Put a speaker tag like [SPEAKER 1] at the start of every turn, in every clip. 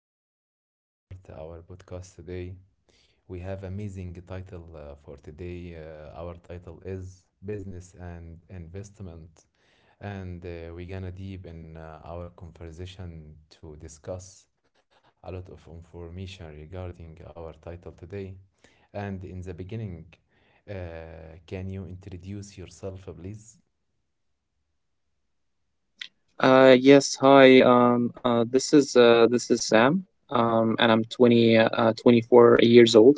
[SPEAKER 1] we're gonna start our podcast today. We have amazing title for today. Our title is Business and Investment, and we're gonna deep in our conversation to discuss a lot of information regarding our title today. And in the beginning, uh, can you introduce yourself, please?
[SPEAKER 2] Yes, hi. This is Sam. And I'm 24 years old.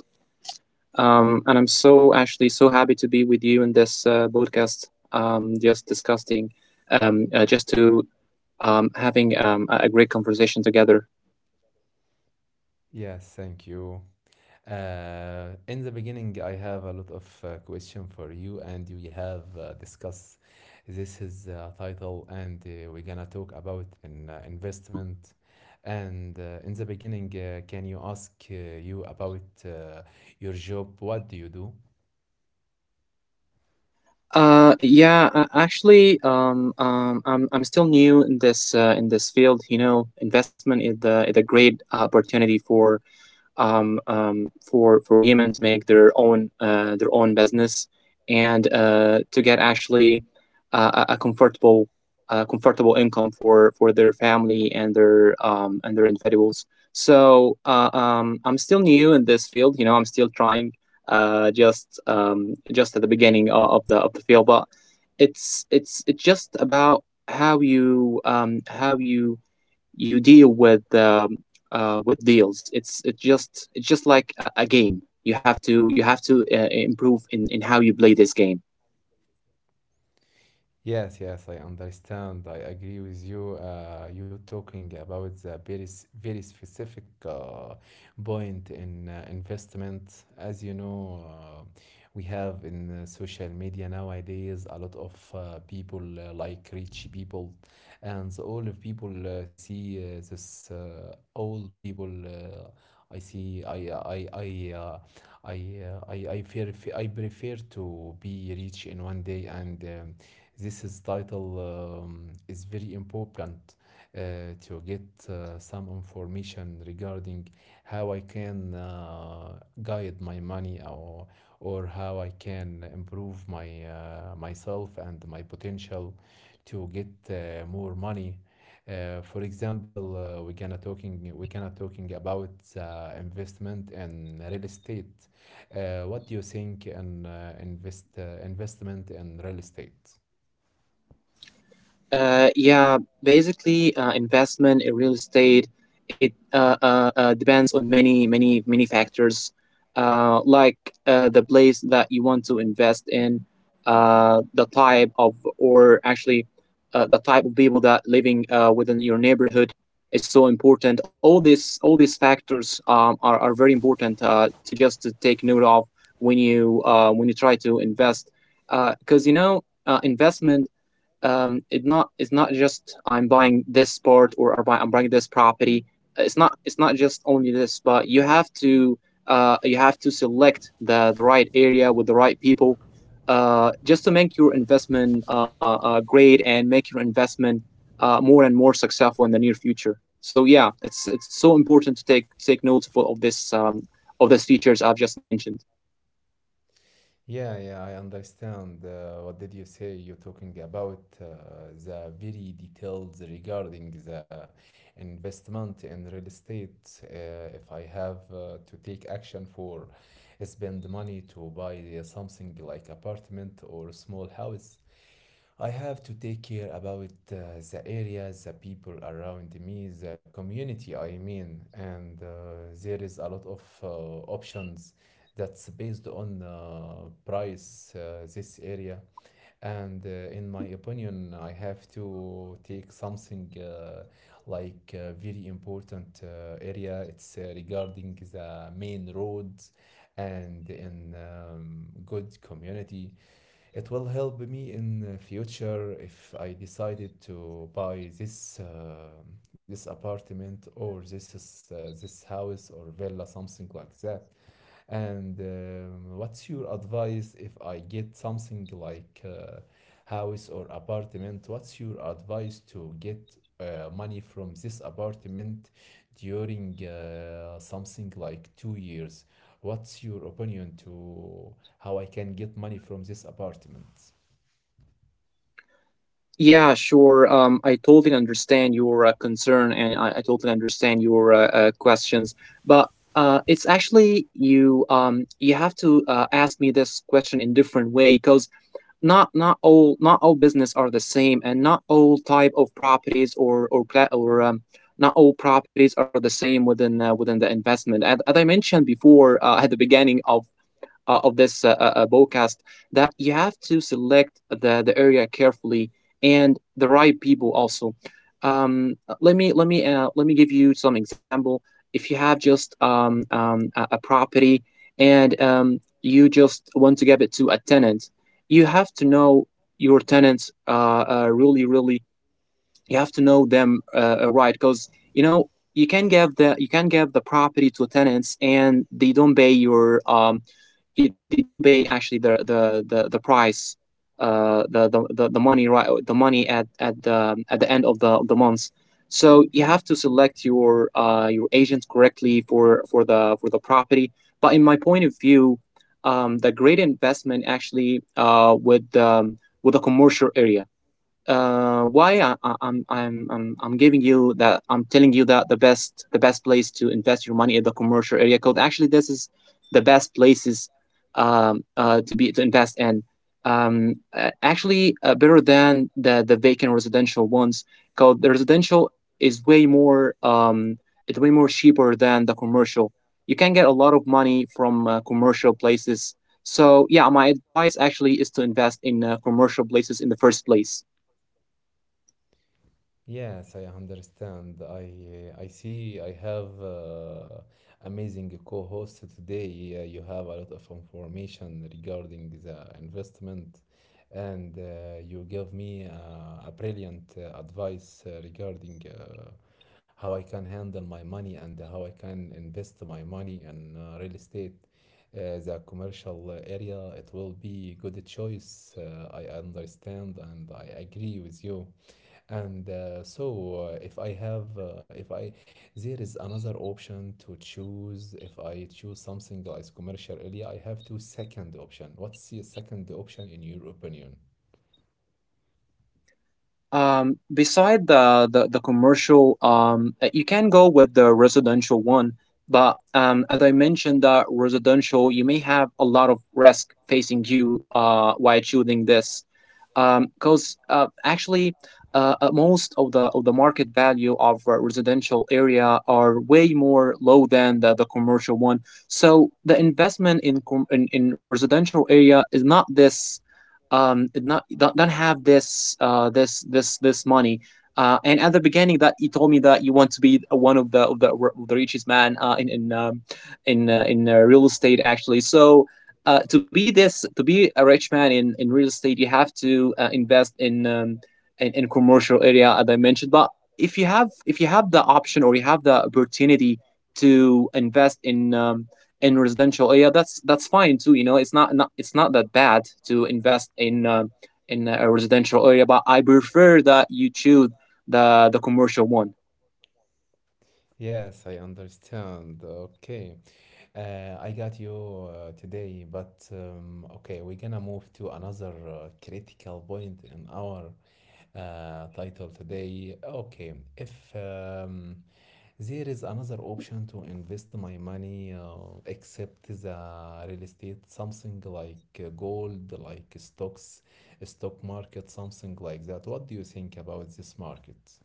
[SPEAKER 2] And I'm so actually so happy to be with you in this podcast. Just discussing, just to Having a great conversation together.
[SPEAKER 1] Yes, thank you. In the beginning, I have a lot of question for you, and we have discussed this is title, and we're gonna talk about an investment. And in the beginning, can you ask you about your job? What do you do?
[SPEAKER 2] I'm still new in this field. You know, investment is the is a great opportunity for for women to make their own business and to get actually a comfortable comfortable income for their family and their individuals. So I'm still new in this field. You know, I'm still trying. Just at the beginning of the field, but it's just about how you you deal with deals. It's just like a game. You have to improve in how you play this game.
[SPEAKER 1] Yes, yes, I understand. I agree with you. You talking about the very specific point in investment. As you know, we have in social media nowadays a lot of people like rich people, and so all of people see this old people. I see. I uh, I prefer to be rich in one day and. This is title is very important to get some information regarding how I can guide my money or how I can improve my myself and my potential to get more money. For example, we're gonna talking about investment in real estate. What do you think in investment in real estate?
[SPEAKER 2] Yeah, basically, investment in real estate it depends on many factors, like the place that you want to invest in, uh, the type of or actually the type of people that living within your neighborhood is so important. All these factors are very important to take note of when you try to invest, because you know investment it not it's not just I'm buying this part, or I'm buying this property. It's not just only this, but you have to select the right area with the right people, just to make your investment great and make your investment more and more successful in the near future. So yeah, it's so important to take notes of this of these features I've just mentioned.
[SPEAKER 1] Yeah, yeah, I understand. What did you say? You're talking about the very details regarding the investment in real estate. If I have to take action for spend money to buy something like apartment or small house, I have to take care about the area, the people around me, the community, I mean, and there is a lot of options that's based on price, this area. And in my opinion, I have to take something like a very important area. It's regarding the main roads and in good community, it will help me in the future if I decided to buy this apartment or this house or villa, something like that. And what's your advice if I get something like house or apartment? What's your advice to get money from this apartment during something like 2 years? What's your opinion to how I can get money from this apartment?
[SPEAKER 2] Yeah, sure. I totally understand your concern, and I totally understand your questions. But it's actually you you have to ask me this question in different way, because not all business are the same, and not all type of properties or not all properties are the same within within the investment. And as I mentioned before, at the beginning of this podcast, that you have to select the area carefully and the right people also. Let me let me give you some example. If you have just a property, and you just want to give it to a tenant, you have to know your tenants really you have to know them right, because you know you can give the you can give the property to tenants and they don't pay your they don't pay actually the price the, the money, right, the money at at the end of the month. So you have to select your agent correctly for for the property. But in my point of view, the great investment actually with the commercial area. Why I'm giving you that, I'm telling you that the best place to invest your money is the commercial area code. Actually, this is the best places, to be to invest in. Actually, better than the vacant residential ones. Cause the residential is way more cheaper than the commercial. You can get a lot of money from commercial places. So yeah, my advice actually is to invest in commercial places in the first place.
[SPEAKER 1] Yes, I understand. I see I have amazing co-host today. You have a lot of information regarding the investment, and you give me a brilliant advice regarding how I can handle my money and how I can invest my money in real estate. The commercial area, it will be good choice. I understand and I agree with you, and if I have if I there is another option to choose. If I choose something like commercial area, I have two second option. What's the second option in your opinion?
[SPEAKER 2] Beside the commercial, you can go with the residential one, but as I mentioned, the residential you may have a lot of risk facing you while choosing this. Because most of the market value of a residential area are way more low than the commercial one. So the investment in residential area is not this, not don't, don't have this this money. And at the beginning that you told me that you want to be one of the of the richest man in in real estate actually. So to be this to be a rich man in real estate, you have to invest in in commercial area as I mentioned. But if you have the option, or you have the opportunity to invest in residential, oh yeah, that's fine too. You know, it's not, not it's not that bad to invest in a residential area, but I prefer that you choose the commercial one.
[SPEAKER 1] Yes, I understand. Okay. I got you today, but okay, we're gonna move to another critical point in our title today. Okay, if there is another option to invest my money except the real estate, something like gold, like stocks, stock market, something like that, what do you think about this market?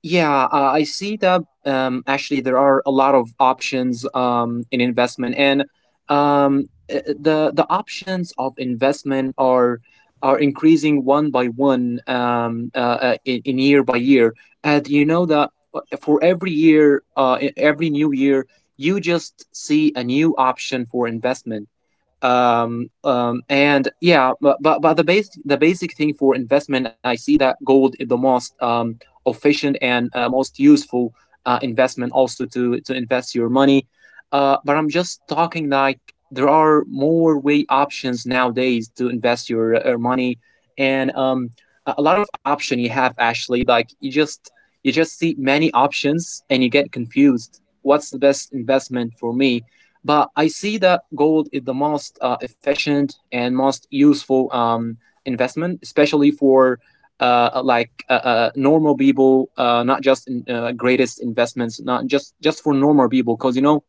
[SPEAKER 2] Yeah, I see that actually there are a lot of options in investment, and um, the options of investment are increasing one by one in year by year. And you know that for every year, every new year, you just see a new option for investment. And yeah, but the base the basic thing for investment, I see that gold is the most efficient and most useful investment, also to invest your money. But I'm just talking like there are more way options nowadays to invest your money, and a lot of option you have actually. Like you just see many options and you get confused. What's the best investment for me? But I see that gold is the most efficient and most useful investment, especially for normal people, not just in, greatest investments, not just for normal people, because you know,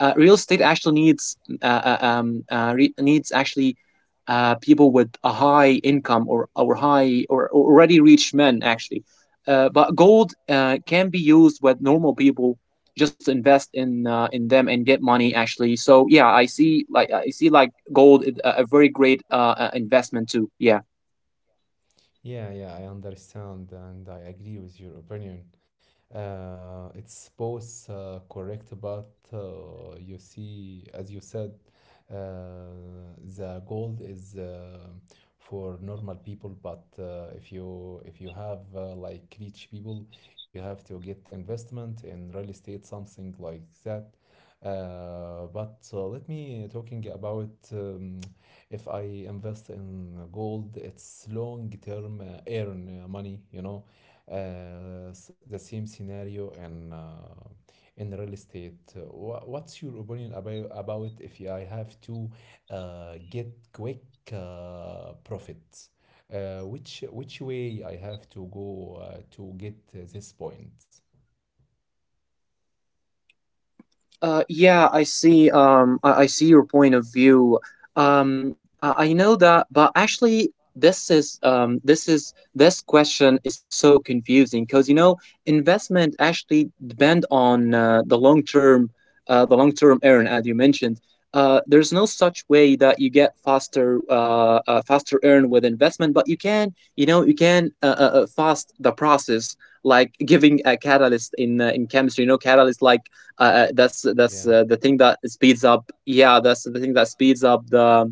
[SPEAKER 2] real estate actually needs needs actually people with a high income, or or already rich men actually. But gold can be used with normal people just to invest in, in them and get money actually. So yeah, I see like gold is a very great investment too. Yeah.
[SPEAKER 1] Yeah, yeah, I understand and I agree with your opinion. It's both correct, but you see, as you said, the gold is for normal people, but if you have like rich people, you have to get investment in real estate, something like that. But let me talking about if I invest in gold, it's long term earn money. The same scenario in real estate. What's your opinion about if I have to get quick profits? Which way I have to go to get this point?
[SPEAKER 2] Yeah, I see. I see your point of view. I know that, but actually, this is this question is so confusing, because you know investment actually depend on the long term earn, as you mentioned. There's no such way that you get faster, faster earn with investment, but you can, you know, you can fast the process, like giving a catalyst in chemistry. You know, catalyst like
[SPEAKER 1] Yeah.
[SPEAKER 2] that's the thing that speeds up, yeah, that's the thing that speeds up the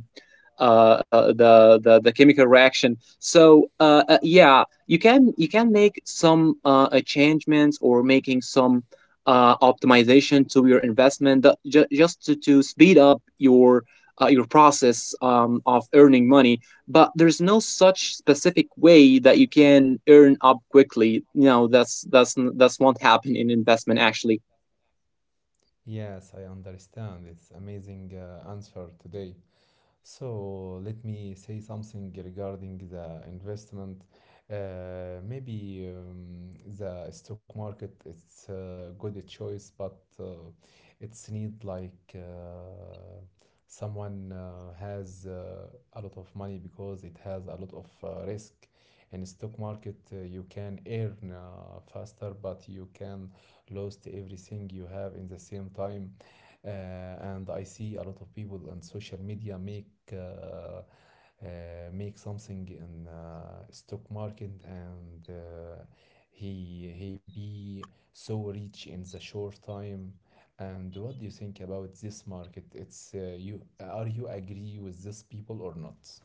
[SPEAKER 2] the chemical reaction. So yeah, you can make some changements, or making some optimization to your investment, that, ju- just to speed up your process of earning money. But there's no such specific way that you can earn up quickly. No, that's won't happen in investment actually.
[SPEAKER 1] Yes, I understand. It's amazing answer today. So let me say something regarding the investment. Maybe the stock market, it's a good choice, but it's need like someone has a lot of money because it has a lot of risk. In stock market, you can earn faster, but you can lose everything you have in the same time, uh, and I see a lot of people on social media make something in stock market, and he be so rich in the short time. And what do you think about this market? It's you are you agree with these people or not?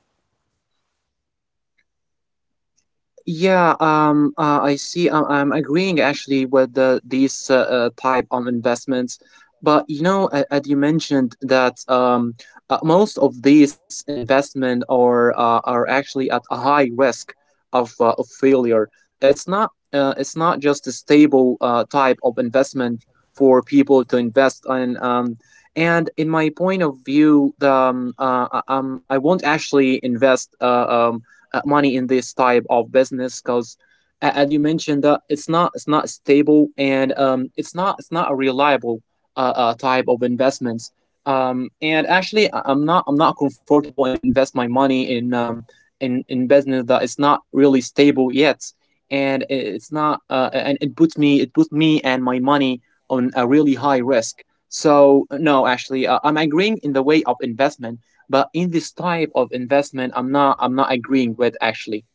[SPEAKER 2] Yeah, I see. I'm agreeing actually with these type of investments, but you know, as you mentioned that most of these investment are actually at a high risk of failure. It's not, it's not just a stable type of investment for people to invest in. And in my point of view, the I won't actually invest money in this type of business, because as you mentioned, that it's not stable, and it's not a reliable type of investments. And actually, I'm not comfortable in invest my money in business that is not really stable yet, and it's not, and it puts me, and my money on a really high risk. So no, actually, I'm agreeing in the way of investment, but in this type of investment, I'm not agreeing with actually.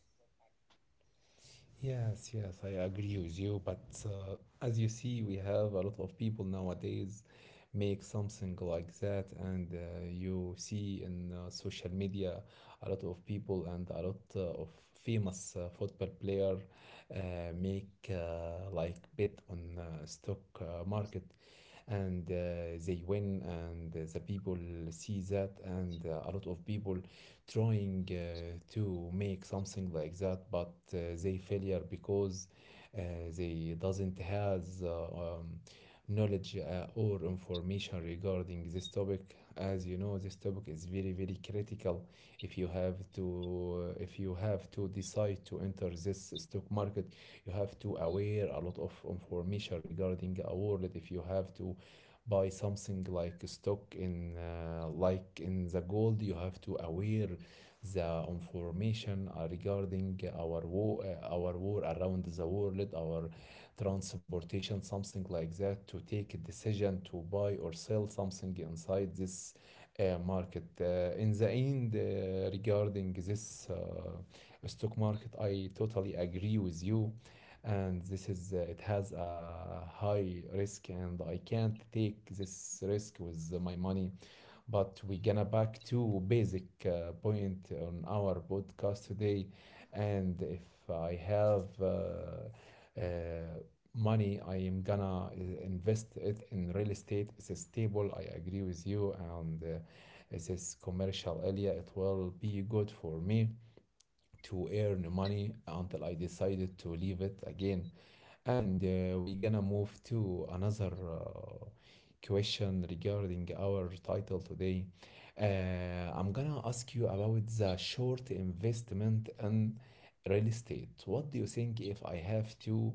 [SPEAKER 1] Yes, yes, I agree with you. But as you see, we have a lot of people nowadays make something like that, and you see in social media a lot of people, and a lot of famous football player make like bet on stock market, and they win and the people see that, and a lot of people trying to make something like that, but they failure because uh, they doesn't has knowledge or information regarding this topic. As you know, this topic is very, very critical. If you have to decide to enter this stock market, you have to aware a lot of information regarding a world. If you have to buy something like stock in like in the gold, you have to aware the information regarding our war around the world, our transportation, something like that, to take a decision to buy or sell something inside this market. In the end, regarding this stock market, I totally agree with you, and this is it has a high risk, and I can't take this risk with my money. But we're gonna back to basic point on our podcast today. And if I have uh, money, I am gonna invest it in real estate. It's stable. I agree with you, and this commercial area, it will be good for me to earn money until I decided to leave it again. And we gonna move to another question regarding our title today. I'm gonna ask you about the short investment in real estate. What do you think if I have to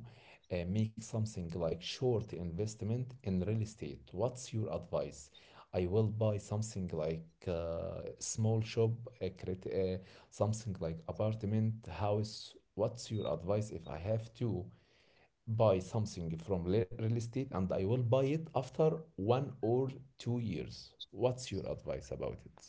[SPEAKER 1] make something like short investment in real estate? What's your advice? I will buy something like small shop, uh, crit- uh, something like apartment, house. What's your advice if I have to buy something from real estate, and I will buy it after 1 or 2 years? What's your advice about it?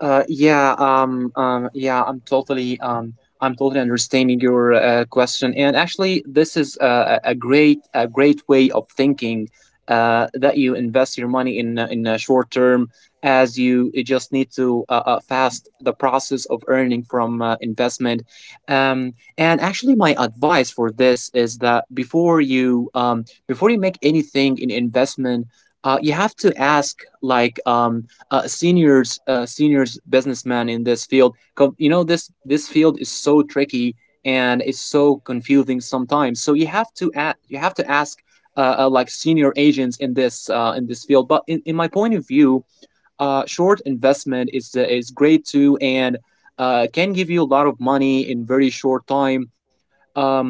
[SPEAKER 2] Yeah, I'm totally understanding your question, and actually, this is a great way of thinking. That you invest your money in short term, as you just need to fast the process of earning from investment. And actually, my advice for this is that before you make anything in investment, you have to ask, like, seniors businessman in this field. 'Cause, you know, this field is so tricky and it's so confusing sometimes, so you have to you have to ask like senior agents in this field. But in my point of view, short investment is great too, and can give you a lot of money in very short time. um,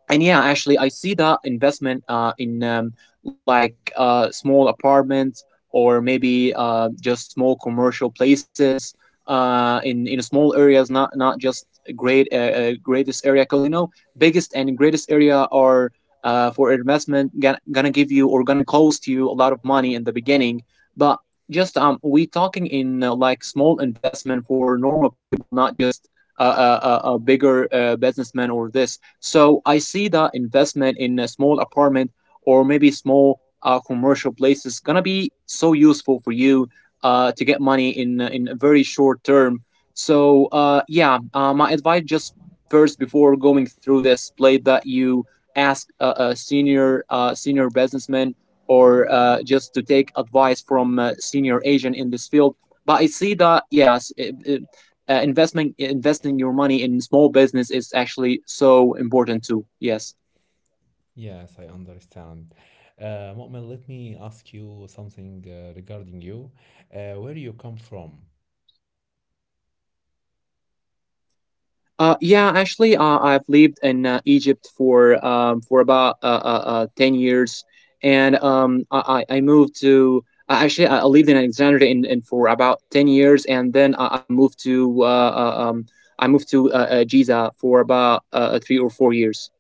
[SPEAKER 2] and yeah, actually I see that investment in, like, small apartments, or maybe just small commercial places, in small areas, not just great, greatest area, because you know biggest and greatest area are, for investment, gonna give you or gonna cost you a lot of money in the beginning. But just, we talking in, like, small investment for normal people, not just a bigger businessman or this. So I see the investment in a small apartment or maybe small commercial place is gonna be so useful for you to get money in a very short term. So my advice, just first before going through this plate, that you ask a senior senior businessman, or just to take advice from a senior agent in this field. But I see that yes, investment, investing your money in small business is actually so important too. Yes.
[SPEAKER 1] Yes, I understand. Mu'min, let me ask you something regarding you. Where you come from?
[SPEAKER 2] Yeah, actually, I've lived in Egypt for about 10 years, and I moved to actually I lived in Alexandria in for about 10 years, and then I moved to uh, um, I moved to Giza for about three or four years.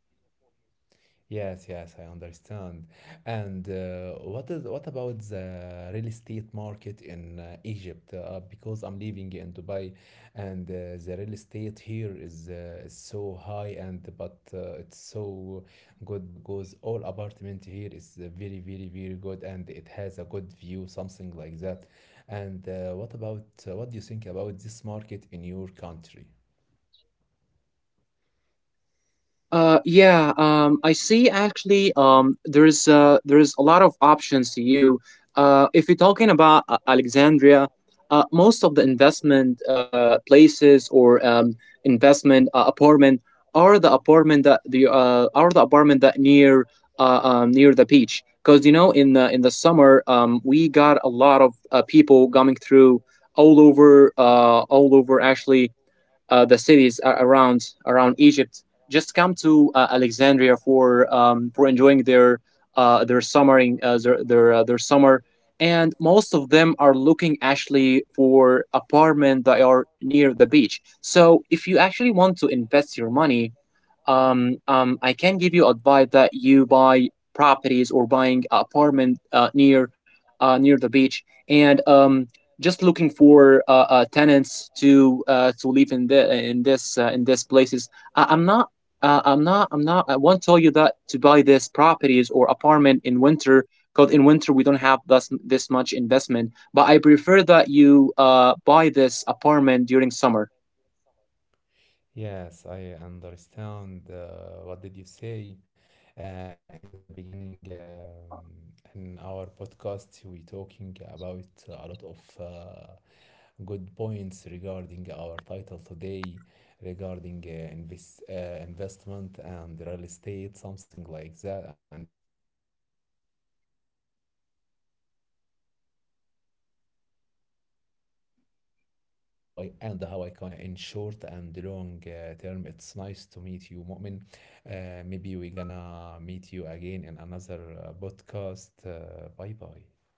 [SPEAKER 1] Yes, yes, I understand. And what about the real estate market in Egypt? Because I'm living in Dubai, and the real estate here is so high, and but it's so good because all apartment here is very, very, very good, and it has a good view, something like that. And what do you think about this market in your country?
[SPEAKER 2] Yeah, I see actually, there's a lot of options to you. If you're talking about Alexandria, most of the investment places, or investment apartment, are the apartment that the are the apartment that near near the beach. Because you know, in the summer, we got a lot of people coming through all over, all over actually, the cities around Egypt, just come to Alexandria for enjoying their their summer. And most of them are looking actually for apartment that are near the beach. So if you actually want to invest your money, I can give you advice that you buy properties or buying apartment near near the beach, and just looking for tenants to live in the in this places. I, I'm not. I'm not. I'm not. I won't tell you that to buy this properties or apartment in winter, because in winter we don't have this much investment. But I prefer that you buy this apartment during summer.
[SPEAKER 1] Yes, I understand what did you say uh, in the beginning, in our podcast we talking about a lot of good points regarding our title today, regarding investment and real estate, something like that, and stock market, and how I can invest my money in gold, and how I can earn money in short and long term. It's nice to meet you, Mu'min. Maybe we're gonna meet you again in another podcast. Bye bye.